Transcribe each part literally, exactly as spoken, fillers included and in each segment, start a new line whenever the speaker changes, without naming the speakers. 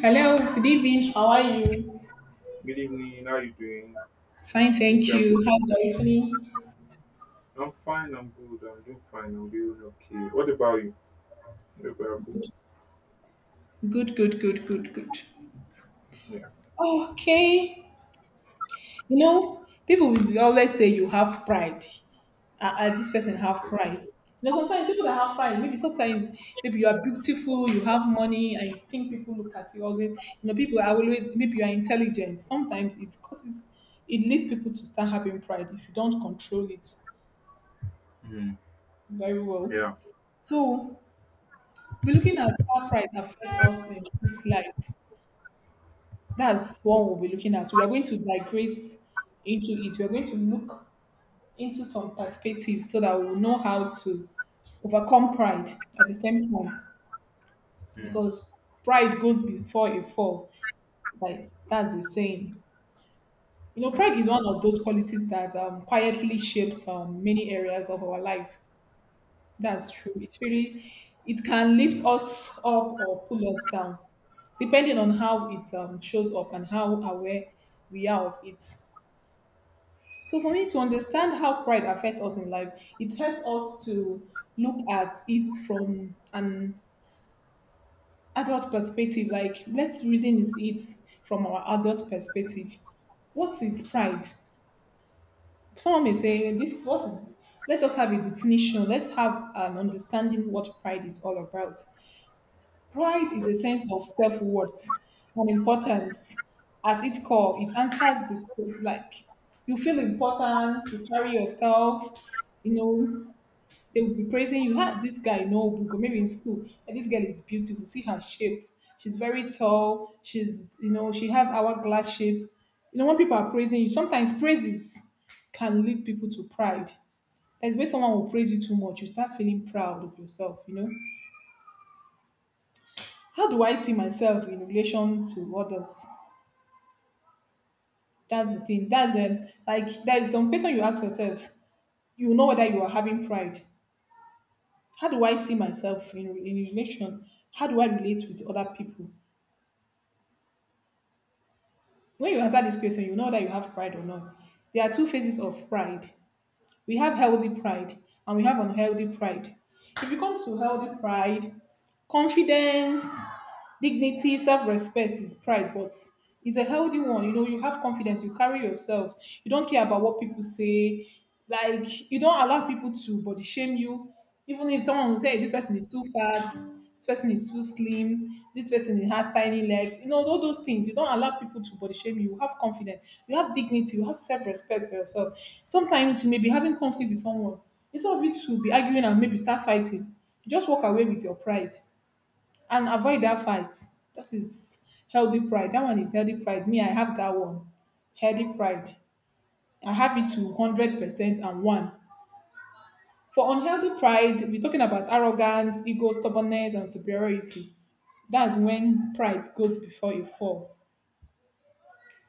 Hello, good evening. How are you?
Good evening. How you doing?
Fine,
Hope
thank
you are good.
you. How's your evening?
I'm fine. I'm good. I'm doing fine. I'm doing okay. What about you? Hope you are good.
Good, good, good, good, good.
Yeah.
Okay. You know, people will always say you have pride. Uh, uh, this person have pride. You know, sometimes people that have pride, maybe sometimes maybe you are beautiful, you have money, and you think people look at you always. You know, people are always maybe you are intelligent. Sometimes it causes it leads people to start having pride if you don't control it
Mm,
very well.
yeah.
So we'll be looking at how pride affects us in this life. That's what we'll be looking at. We are going to digress into it. We are going to look into some perspective so that we'll know how to overcome pride at the same time.
Mm,
Because pride goes before a fall. Like that's the saying. You know, pride is one of those qualities that um, quietly shapes um, many areas of our life.
mm, mm.
That's true. It's really, it can lift us up or pull us down, depending on how it um, shows up and how aware we are of it. So, for me to understand how pride affects us in life, it helps us to look at it from an adult perspective. Like, let's reason it from our adult perspective. What is pride? Someone may say, "This is what is, let us have a definition, let's have an understanding what pride is all about." Pride is a sense of self worth and importance at its core. It answers the question, like you feel important, you carry yourself, you know, they will be praising you. Ah, this guy, no book, or maybe in school, and this girl is beautiful. See her shape. She's very tall. She's, you know, she has hourglass shape. You know, when people are praising you, sometimes praises can lead people to pride. That's where someone will praise you too much. You start feeling proud of yourself. You know, how do I see myself in relation to others? That's the thing. That's um, like there is some question you ask yourself. You know whether you are having pride. How do I see myself in, in relation? How do I relate with other people? When you answer this question, you know that you have pride or not. There are two phases of pride. We have healthy pride and we have unhealthy pride. If you come to healthy pride, confidence, dignity, self-respect is pride, but it's a healthy one. You know, you have confidence, you carry yourself, you don't care about what people say, like you don't allow people to body shame you. Even if someone will say, "Hey, this person is too fat, this person is too slim, this person has tiny legs," you know, all those things, you don't allow people to body shame you. You have confidence, you have dignity, you have self-respect for yourself. Sometimes you may be having conflict with someone. Instead of you to be arguing and maybe start fighting, you just walk away with your pride and avoid that fight. That is healthy pride. That one is healthy pride. Me, I have that one. Healthy pride. I have it to one hundred percent and one. For unhealthy pride, we're talking about arrogance, ego, stubbornness, and superiority. That's when pride goes before a fall.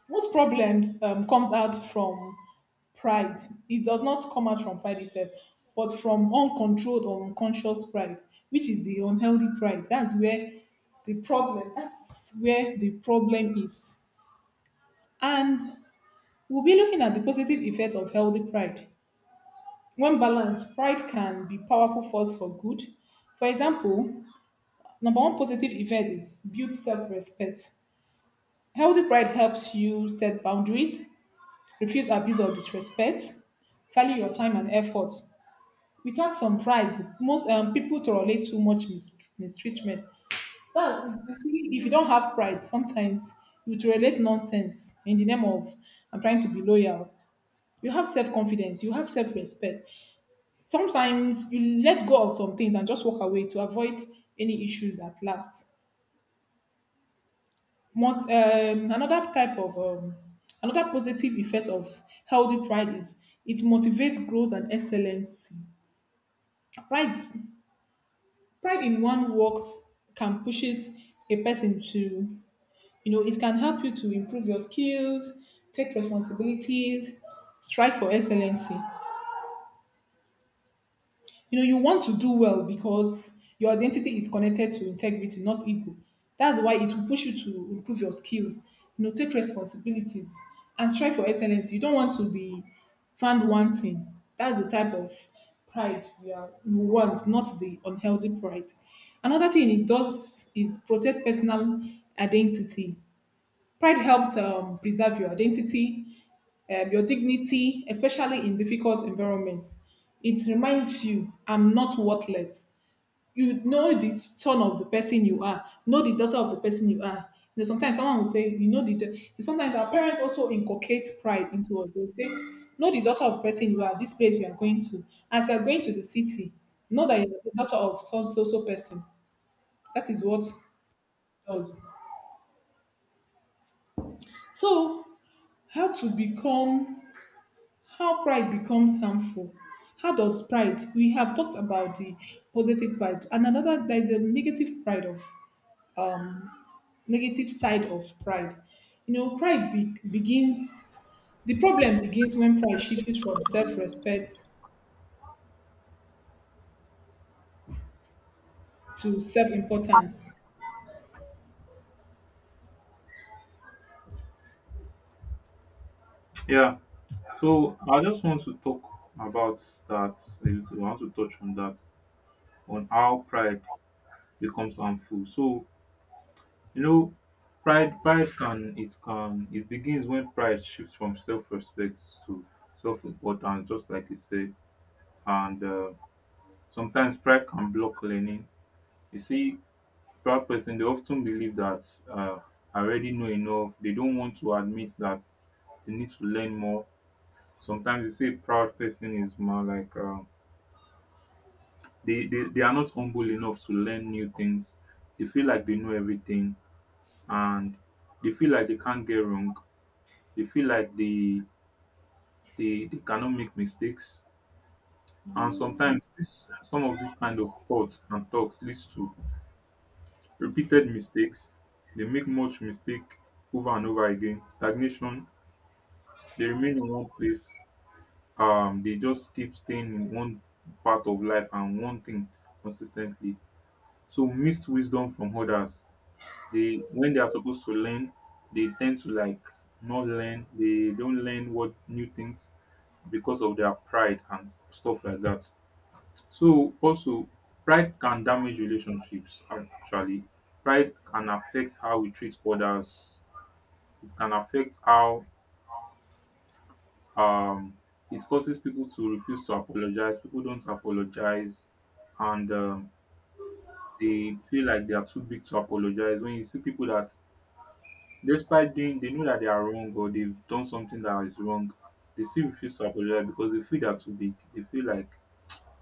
Most problems um, comes out from pride. It does not come out from pride itself, but from uncontrolled or unconscious pride, which is the unhealthy pride. That's where the problem. That's where the problem is. And we'll be looking at the positive effect of healthy pride. When balanced, pride can be powerful force for good. For example, number one positive effect is build self-respect. Healthy pride helps you set boundaries, refuse abuse or disrespect, value your time and effort. Without some pride, most um, people tolerate too much mis- mistreatment. That is, you see, if you don't have pride sometimes you tolerate nonsense in the name of, I'm trying to be loyal. You have self-confidence, you have self-respect. Sometimes you let go of some things and just walk away to avoid any issues at last. Mont- um, another type of um, another positive effect of healthy pride is it motivates growth and excellence. Pride pride in one works can pushes a person to, you know, it can help you to improve your skills, take responsibilities, strive for excellency. You know, you want to do well because your identity is connected to integrity, not ego. That's why it will push you to improve your skills, you know, take responsibilities and strive for excellence. You don't want to be found wanting. That's the type of pride you, are, you want, not the unhealthy pride. Another thing it does is protect personal identity. Pride helps um, preserve your identity, um, your dignity, especially in difficult environments. It reminds you, I'm not worthless. You know the son of the person you are, know the daughter of the person you are. You know, sometimes someone will say, "You know the. Da-" Sometimes our parents also inculcate pride into us. They'll say, know the daughter of the person you are, this place you are going to. As you are going to the city, know that you're the daughter of so so so person. That is what it does. So, how to become how pride becomes harmful. How does pride? We have talked about the positive pride, and another there is a negative pride of negative side of pride. You know, pride be, begins. The problem begins when pride shifts from self-respect to self-importance.
Yeah. So I just want to talk about that a little. I want to touch on that on how pride becomes harmful. So you know, pride pride can it can it begins when pride shifts from self-respect to self-importance, just like you said, and uh, sometimes pride can block learning. You see, proud person, they often believe that uh, I already know enough. They don't want to admit that they need to learn more. Sometimes you see, a proud person is more like um, they, they, they are not humble enough to learn new things. They feel like they know everything, and they feel like they can't get wrong. They feel like they, they, they cannot make mistakes. And sometimes this, some of these kind of thoughts and talks leads to repeated mistakes. They make much mistake over and over again. Stagnation. They remain in one place. Um, they just keep staying in one part of life and one thing consistently. So missed wisdom from others. They when they are supposed to learn, they tend to like not learn. They don't learn what new things because of their pride and stuff like that. So also pride can damage relationships actually. Pride can affect how we treat others. It can affect how um it causes people to refuse to apologize. People don't apologize, and um, they feel like they are too big to apologize. When you see people that despite doing they know that they are wrong or they've done something that is wrong, they still refuse to apologize because they feel they're too big. They feel like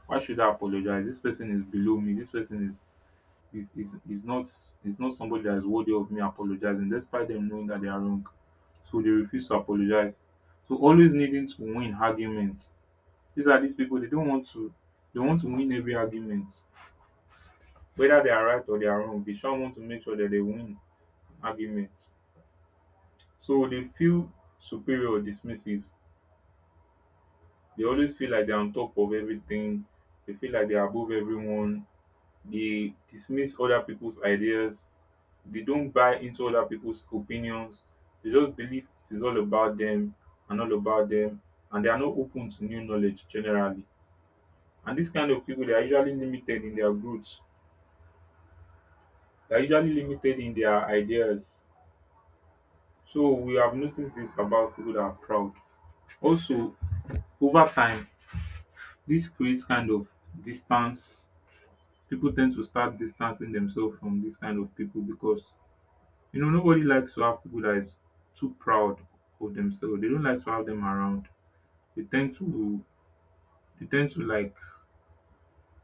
why should I apologize? This person is below me. This person is is is is not, is not somebody that is worthy of me apologizing despite them knowing that they are wrong. So they refuse to apologize. So always needing to win arguments. These are these people they don't want to they want to win every argument. Whether they are right or they are wrong, they sure want to make sure that they win arguments. So they feel superior or dismissive. They always feel like they're on top of everything. They feel like they're above everyone. They dismiss other people's ideas. They don't buy into other people's opinions. They just believe it is all about them and all about them, and they are not open to new knowledge generally. And this kind of people, they are usually limited in their growth. They are usually limited in their ideas. So we have noticed this about people that are proud. Also, over time, this creates kind of distance. People tend to start distancing themselves from this kind of people because you know nobody likes to have people that is too proud of themselves. They don't like to have them around. They tend to they tend to like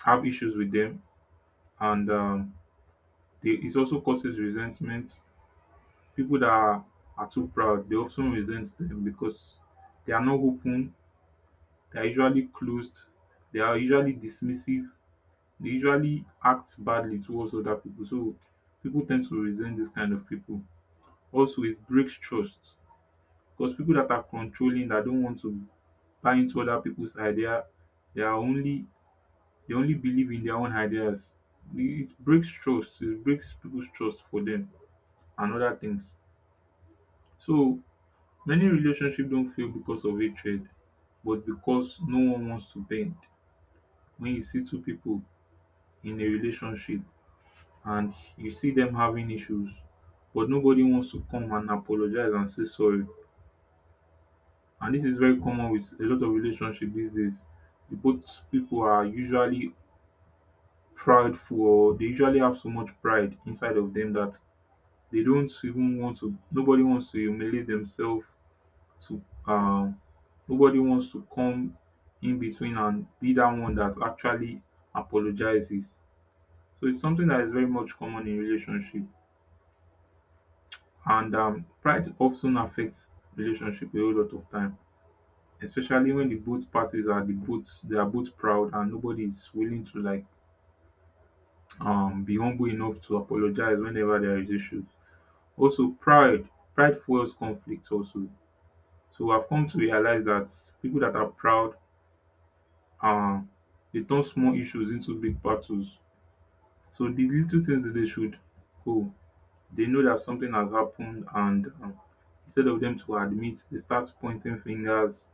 have issues with them, and um they, it also causes resentment. People that are, are too proud they often resent them because they are not open, they are usually closed, they are usually dismissive, they usually act badly towards other people, so people tend to resent this kind of people. Also it breaks trust because people that are controlling that don't want to buy into other people's idea, they are only they only believe in their own ideas. It breaks trust, it breaks people's trust for them and other things. So many relationships don't fail because of hatred, but because no one wants to bend. When you see two people in a relationship and you see them having issues, but nobody wants to come and apologize and say sorry. And this is very common with a lot of relationships these days. The both people are usually prideful or they usually have so much pride inside of them that they don't even want to nobody wants to humiliate themselves to um nobody wants to come in between and be that one that actually apologizes. So it's something that is very much common in relationship. And um, pride often affects relationship a whole lot of time, especially when the both parties are the both they are both proud and nobody is willing to like um be humble enough to apologize whenever there is issues. Also, pride pride fuels conflict also. So I've come to realize that people that are proud, um, they turn small issues into big battles. So the little things that they should, oh, they know that something has happened, and um, instead of them to admit, they start pointing fingers,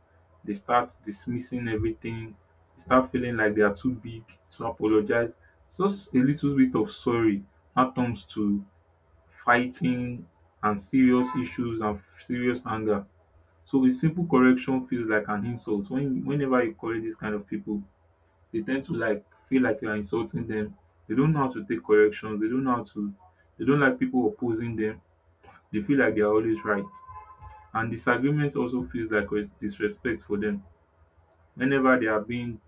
they start dismissing everything, they start feeling like they are too big to apologize. Just a little bit of sorry that comes to fighting and serious issues and serious anger. So a simple correction feels like an insult. When whenever you correct these kind of people, they tend to like feel like you are insulting them. They don't know how to take corrections. They don't know how to. They don't like people opposing them. They feel like they are always right. And disagreement also feels like res- disrespect for them. Whenever they are being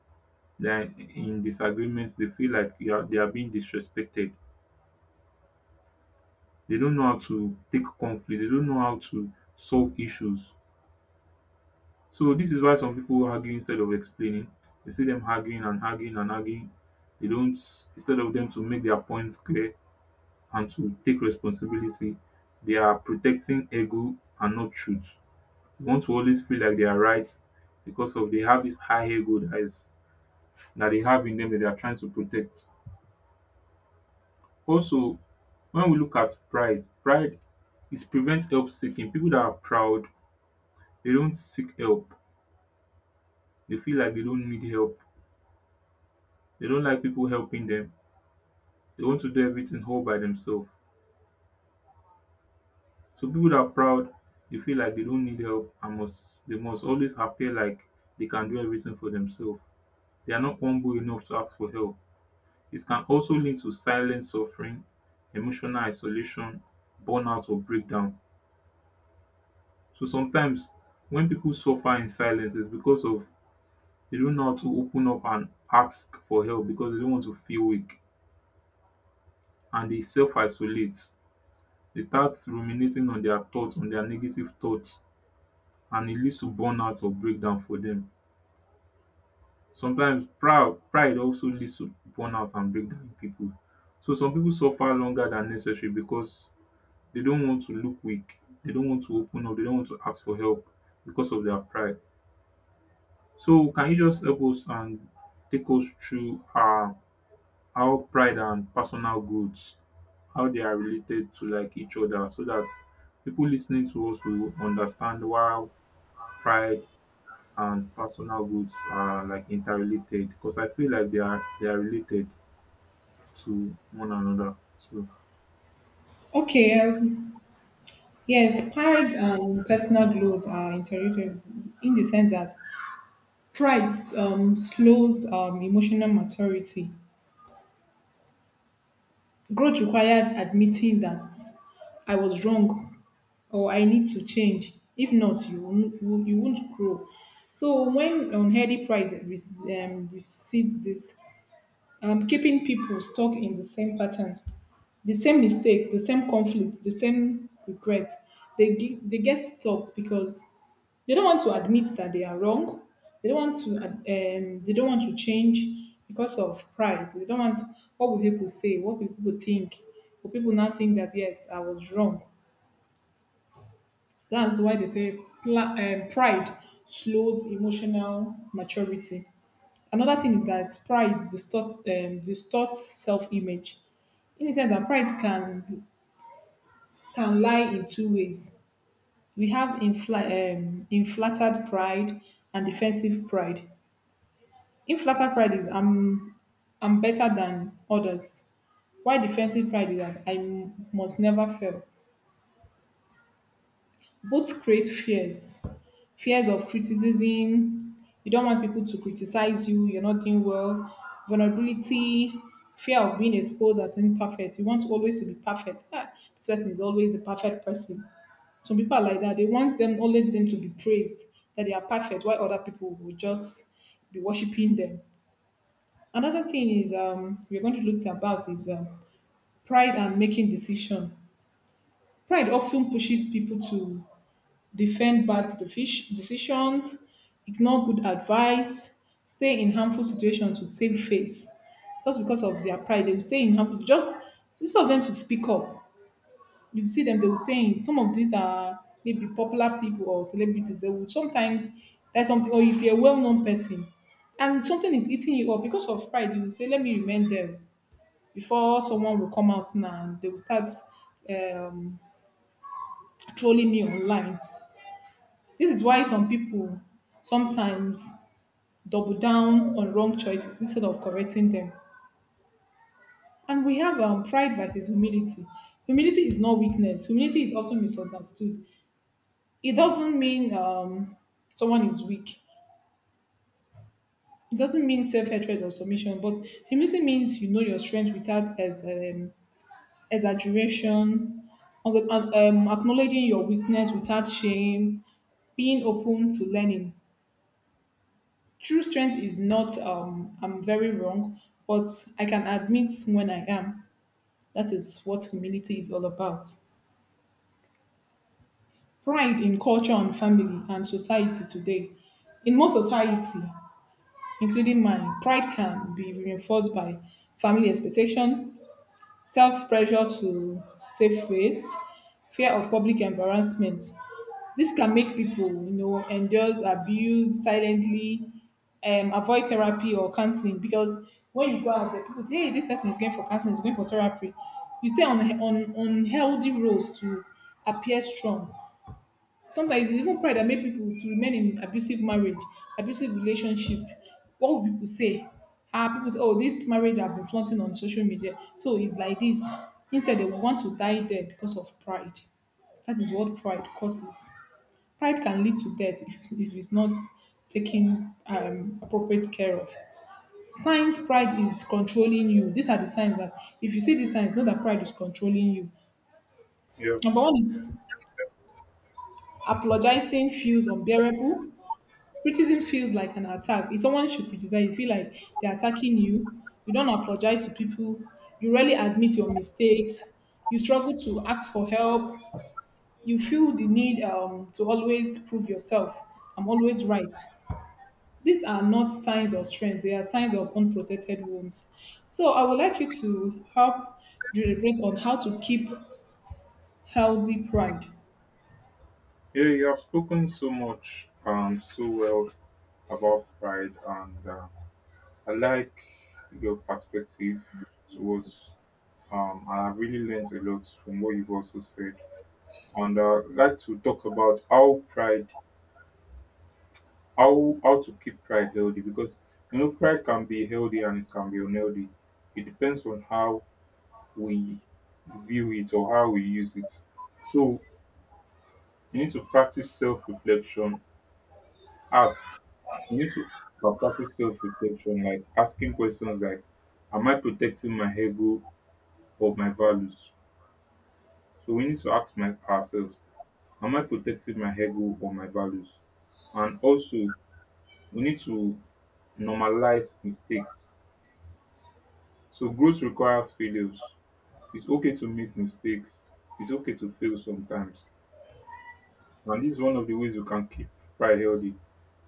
they are in disagreements, they feel like you are, they are being disrespected. They don't know how to take conflict. They don't know how to solve issues. So this is why some people argue instead of explaining. You see them arguing and arguing and arguing. They don't instead of them to make their points clear and to take responsibility, they are protecting ego and not truth. They want to always feel like they are right because of they have this high ego dat that they have in them that they are trying to protect. Also, when we look at pride, pride is prevent help seeking. People that are proud, they don't seek help. They feel like they don't need help. They don't like people helping them. They want to do everything all by themselves. So people that are proud, they feel like they don't need help and must they must always appear like they can do everything for themselves. They are not humble enough to ask for help. It can also lead to silent suffering, emotional isolation, burnout or breakdown. So sometimes when people suffer in silence, it's because of they don't know how to open up and ask for help because they don't want to feel weak, and they self isolate. They start ruminating on their thoughts, on their negative thoughts, and it leads to burnout or breakdown for them. Sometimes pride pride also leads to burnout and breakdown in pipu. So some people suffer longer than necessary because they don't want to look weak. They don't want to open up. They don't want to ask for help because of their pride. So can you just help us and take us through um how pride and personal growth, how they are related to like each other so that people listening to us will understand why pride and personal goods are like interrelated because I feel like they are they are related to one another. So
Okay, um, yes, pride and personal growth are interrelated in the sense that pride um, slows um, emotional maturity. Growth requires admitting that I was wrong or I need to change. If not, you won't, you you won't grow. So when unhealthy pride rec- um, recedes, this um, keeping people stuck in the same pattern, the same mistake, the same conflict, the same regret. They get, they get stuck because they don't want to admit that they are wrong. They don't want to ad- um, they don't want to change because of pride. They don't want what will people say, what will people think. Will people now think that yes, I was wrong. That's why they say pla- um, pride slows emotional maturity. Another thing is that pride distorts um, distorts self image. In the sense that pride can can lie in two ways. We have infla- um, inflated pride and defensive pride. Inflated pride is I'm I'm better than others. Why defensive pride is that I m- must never fail. Both create fears, fears of criticism. You don't want people to criticize you, you're not doing well. Vulnerability, fear of being exposed as imperfect. You want to always to be perfect. Ah, this person is always a perfect person. Some people are like that. They want them, only them to be praised, that they are perfect, while other people will just be worshiping them. Another thing is um we're going to look about is um, pride and making decision. Pride often pushes people to defend bad defish- decisions, ignore good advice, stay in harmful situations to save face. Just because of their pride, they will stay in harmful. Just instead of them to speak up, you see them. They will stay in. Some of these are maybe popular people or celebrities. They will sometimes that's something. Or if you're a well-known person, and something is eating you up because of pride, you will say, "Let me remain them." Before someone will come out now, and they will start um, trolling me online. This is why some people sometimes double down on wrong choices instead of correcting them. And we have um, pride versus humility. Humility is not weakness. Humility is often misunderstood. It doesn't mean um, someone is weak. It doesn't mean self-hatred or submission. But humility means you know your strength without as um, exaggeration, um, um, acknowledging your weakness without shame, being open to learning. True strength is not um I'm very wrong, but I can admit when I am. That is what humility is all about. Pride in culture and family and society today. In most society, including mine, pride can be reinforced by family expectation, self pressure to save face, fear of public embarrassment. This can make people, you know, endorse abuse silently, um, avoid therapy or counseling because when you go out there, people say, "Hey, this person is going for counseling, is going for therapy." You stay on on on healthy roads to appear strong. Sometimes it's even pride that make people to remain in abusive marriage, abusive relationship. What will people say? Ah, people say, "Oh, this marriage I've been flaunting on social media, so it's like this." Instead, they want to die there because of pride. That is what pride causes. Pride can lead to death if, if it's not taken um, appropriate care of. Signs pride is controlling you. These are the signs that if you see these signs, know that pride is controlling you.
yeah,
Number one is apologizing feels unbearable. Criticism feels like an attack. If someone should criticize, you feel like they're attacking you. You don't apologize to people. You rarely admit your mistakes. You struggle to ask for help. You feel the need um, to always prove yourself. I'm always right. These are not signs of strength, they are signs of unprotected wounds. So I would like you to help deliberate on how to keep healthy pride.
yeah, you have spoken so much um so well about pride, and uh, I like your perspective towards um, and I've really learned a lot from what you've also said. And uh, I'd like to talk about how pride, how how to keep pride healthy because you know pride can be healthy and it can be unhealthy. It depends on how we view it or how we use it. So you need to practice self reflection, ask. You need to practice self reflection, like asking questions like, am I protecting my ego or my values? So we need to ask my, ourselves, am I protecting my ego or my values? And also, we need to normalize mistakes. So growth requires failures. It's okay to make mistakes, it's okay to fail sometimes. And this is one of the ways we can keep pride healthy.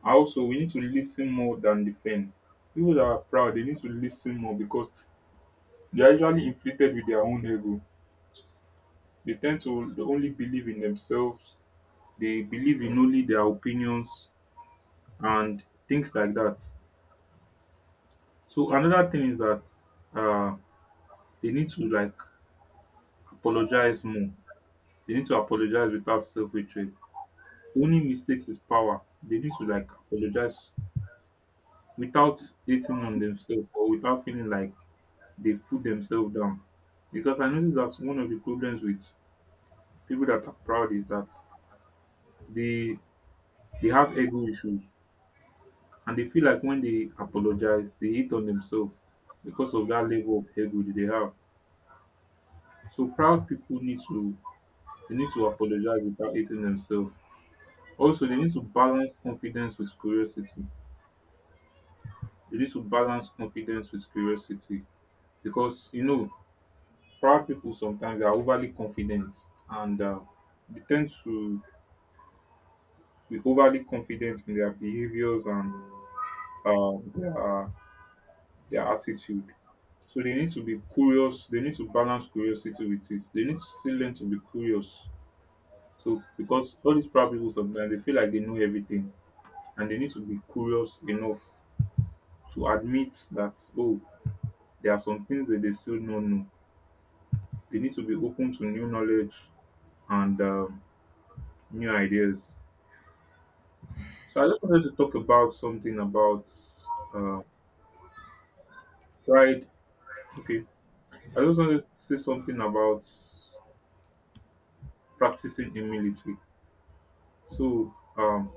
And also, we need to listen more than defend. People that are proud, they need to listen more because they are usually inflated with their own ego. They tend to only believe in themselves. They believe in only their opinions and things like that. So another thing is that uh, they need to like apologize more. They need to apologize without self-hatred. Only mistakes is power. They need to like apologize without hating on themselves or without feeling like they've put themselves down. Because I notice that's one of the problems with people that are proud is that they they have ego issues and they feel like when they apologize, they hate on themselves because of that level of ego that they have. So proud people need to they need to apologize without hating themselves. Also, they need to balance confidence with curiosity. They need to balance confidence with curiosity because you know proud people sometimes are overly confident and um dey ten to be overly confident in their behaviours and um their dia attitude. So they need to be curious. They need to balance curiosity with it. They need to still learn to be curious, so because all these proud people sometimes they feel like they know everything, and they need to be curious enough to admit that oh, there are some things that they still don't know. They need to be open to new knowledge and um new ideas. So I just wanted to talk about something about uh, pride. Okay, I just wanted to say something about practicing humility. So um,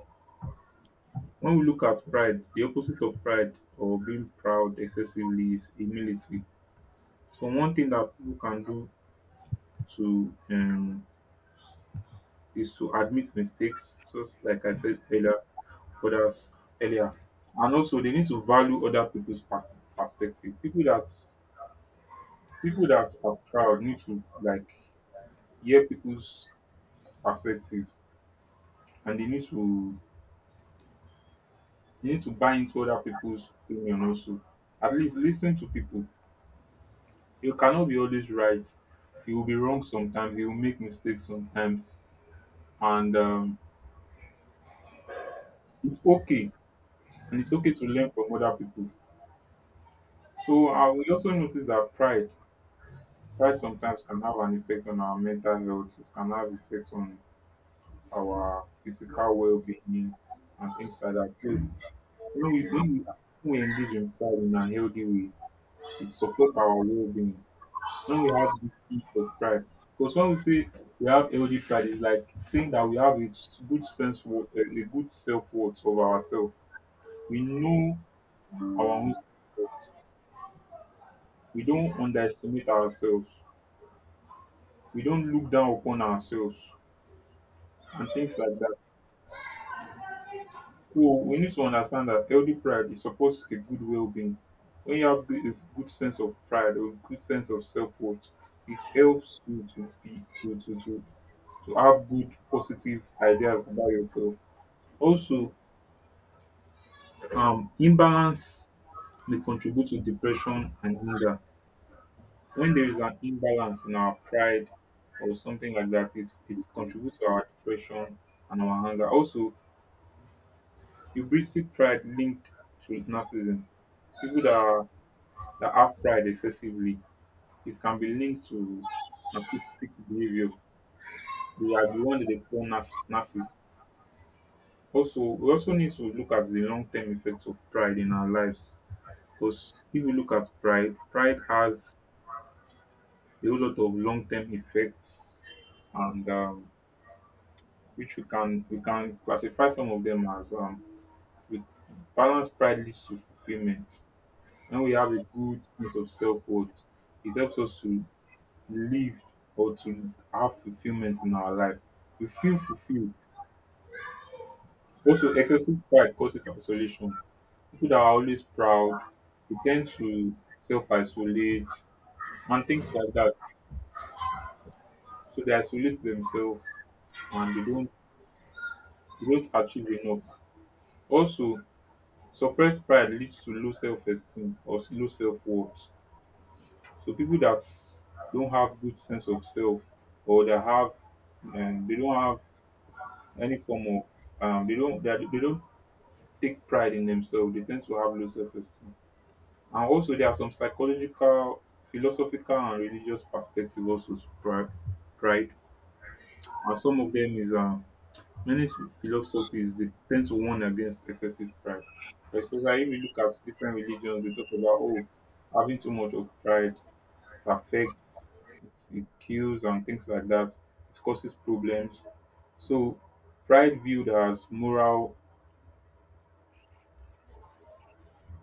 when we look at pride, the opposite of pride or being proud excessively is humility. So one thing that people can do to um, is to admit mistakes, just like I said earlier, others earlier, and also they need to value other people's part- perspective. People that people that are proud need to like hear people's perspective, and they need to they need to buy into other people's opinion also. At least listen to people. You cannot be always right. You will be wrong sometimes, you will make mistakes sometimes. And um, it's okay. And it's okay to learn from other people. So I will also notice that pride, pride sometimes can have an effect on our mental health, it can have effects on our physical well being and things like that. So When we when we when we engage in pride in a healthy way, it supports our well being. When we have this sense of pride, because when we say we have healthy pride, it's like saying that we have a s- good sense, wo- a a good self worth of ourselves. We know our own. Self. We don't underestimate ourselves. We don't look down upon ourselves and things like that. So we need to understand that healthy pride is supposed to a good well-being. When you have good, a good sense of pride or good sense of self-worth, it helps you to be to to to to have good positive ideas about yourself. Also, um, imbalance may contribute to depression and hunger. When there is an imbalance in our pride or something like that, it it contributes to our depression and our hunger. Also, hubristic pride linked to narcissism. People that are that have pride excessively, it can be linked to narcissistic behavior. They are the one that they call narciss- narcissist. Also, we also need to look at the long-term effects of pride in our lives. Because if we look at pride, pride has a whole lot of long-term effects, and um, which we can we can classify some of them as um, with balanced pride leads to fulfillment. When we have a good sense of self-worth, it helps us to Live or to have fulfillment in our life. We feel fulfilled. Also, excessive pride causes isolation. People that are always proud, they tend to self isolate and things like that. So they isolate themselves and they don't they don't achieve enough. Also, suppressed pride leads to low self esteem or low self worth. So people that don't have good sense of self or they have um, they don't have any form of um, they don't they, are- they don't take pride in themselves, they tend to have low self esteem. And also, there are some psychological, philosophical, and religious perspective also to pride. pride. And some of them is um, many s- philosophies they tend to warn against excessive pride. But especially if you look at different religions, they talk about oh, having too much of pride affects, it, it kills, and things like that. It causes problems. So, pride viewed as moral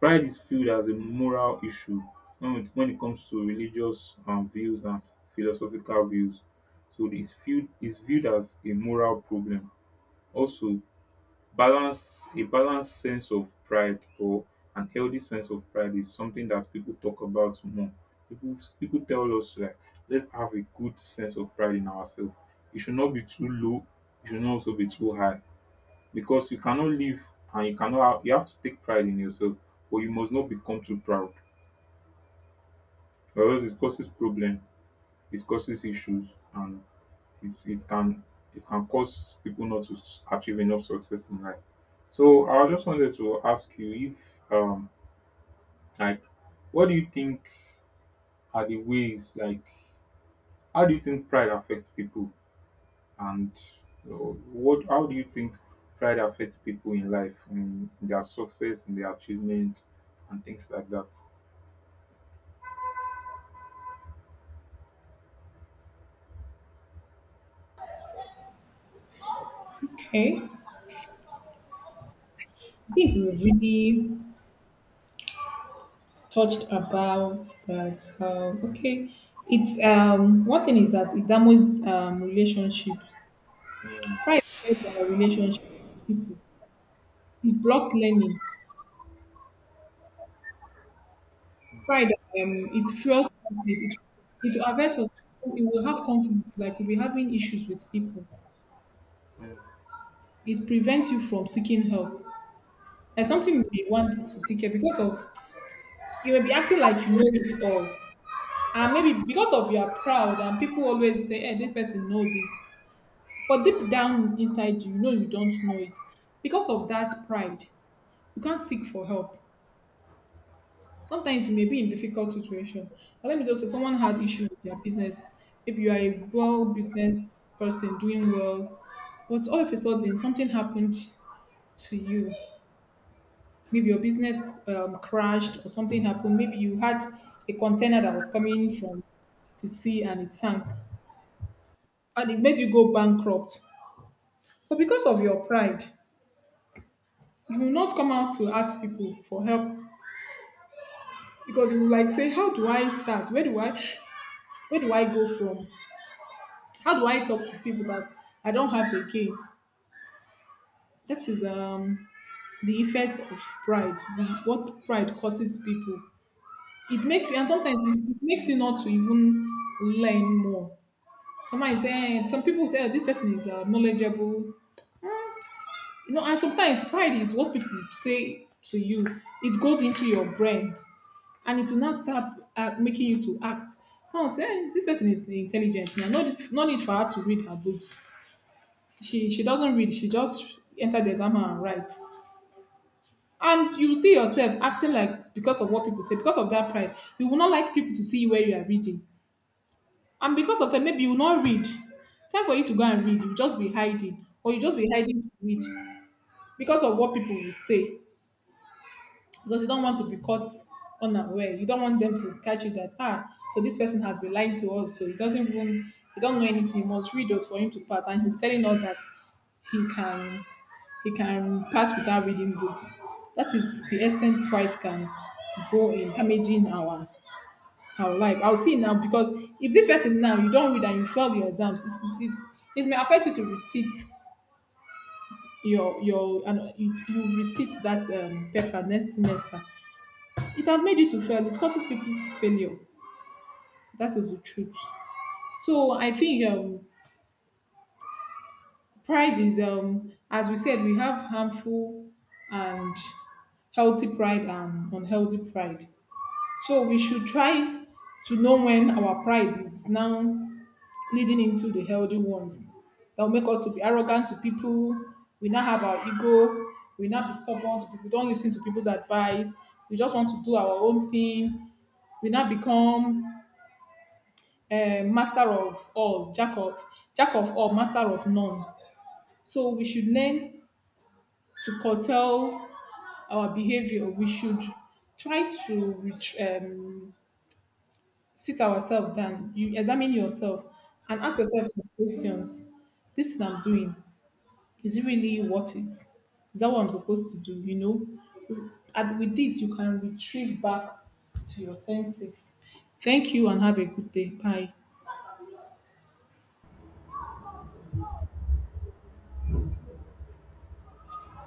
Pride is viewed as a moral issue when it when it comes to religious um, views and philosophical views. So it's viewed is viewed as a moral problem. Also, balance a balanced sense of pride or an healthy sense of pride is something that people talk about more. People people tell us like let's have a good sense of pride in ourselves. It should not be too low. It should not also be too high, because you cannot live and you cannot you have to take pride in yourself but you must not become too proud, or else it causes problem, it causes issues, and it's, it can it can cause people not to s- achieve enough success in life. So I just wanted to ask you if um like, what do you think are the ways, like how do you think pride affects people, and you know, what how do you think pride affects people in life, in their success, in their achievements, and things like that.
Okay. I think we really touched about that. Um, okay. It's um one thing is that it damages um relationship.
Mm.
Pride affects our relationship with people. It blocks learning.
Mm.
Pride um it fuels conflict. It, it will affect us. So it will have conflict, like we'll be having issues with people.
Mm.
It prevents you from seeking help. There's
Mm.
something you may want to seek help because of you may be acting like you know it all. And maybe because of you are proud and people always say, hey, this person knows it. But deep down inside you, you know you don't know it. Because of that pride, you can't seek for help. Sometimes you may be in difficult situation. But let me just say someone had issue with their business. Maybe you are a well business person doing well, but all of a sudden something happened to you, maybe your business um, crashed or something happened. Maybe you had a container that was coming from the sea and it sank and it made you go bankrupt. But because of your pride, you will not come out to ask people for help, because you will like say, "How do I start? Where do I where do I go from? How do I talk to people that I don't have again?" That is um the effects of pride, the, what pride causes people. It makes you, and sometimes it it makes you not to even learn more. Mama is saying some people say, "Oh, this person is uh, knowledgeable, you know," and sometimes pride is what people say to you. It goes into your brain, and it will not start uh, making you to act. Someone say, "Eh, this person is intelligent. Now, no, need- no need for her to read her books. She she doesn't read. She just enter the exam hall and writes." And you see yourself acting like, because of what people say, because of that pride, you will not like people to see where you are reading. And because of that, maybe you will not read. Time for you to go and read, you just be hiding, or you just be hiding to read because of what people will say. Because you don't want to be caught unaware. You don't want them to catch you that, "Ah, so this person has been lying to us. So he doesn't even, he don't know anything. He must read us for him to pass, and he'll be telling us that he can he can pass without reading books." That is the extent pride can go in damaging our— I'll like I'll see now, because if this person now you don't read and you fail your exams, it it, it, it may affect you to receipt your your, and it, you receipt that um, paper next semester. It has made you to fail. It causes people failure. That is the truth. So I think um, pride is, um as we said, we have harmful and healthy pride and unhealthy pride. So we should try to know when our pride is now leading into the healthy ones that will make us to be arrogant to people. We now have our ego. We now be stubborn to people. Don't listen to people's advice. We just want to do our own thing. We now become a master of all, jack of jack of all, master of none. So we should learn to curtail our behavior. We should try to ret- um, sit ourselves down. You examine yourself and ask yourself some questions. This is what I'm doing, is it really worth it? Is that what I'm supposed to do? You know, and with this, you can retrieve back to your senses. Thank you and have a good day. Bye.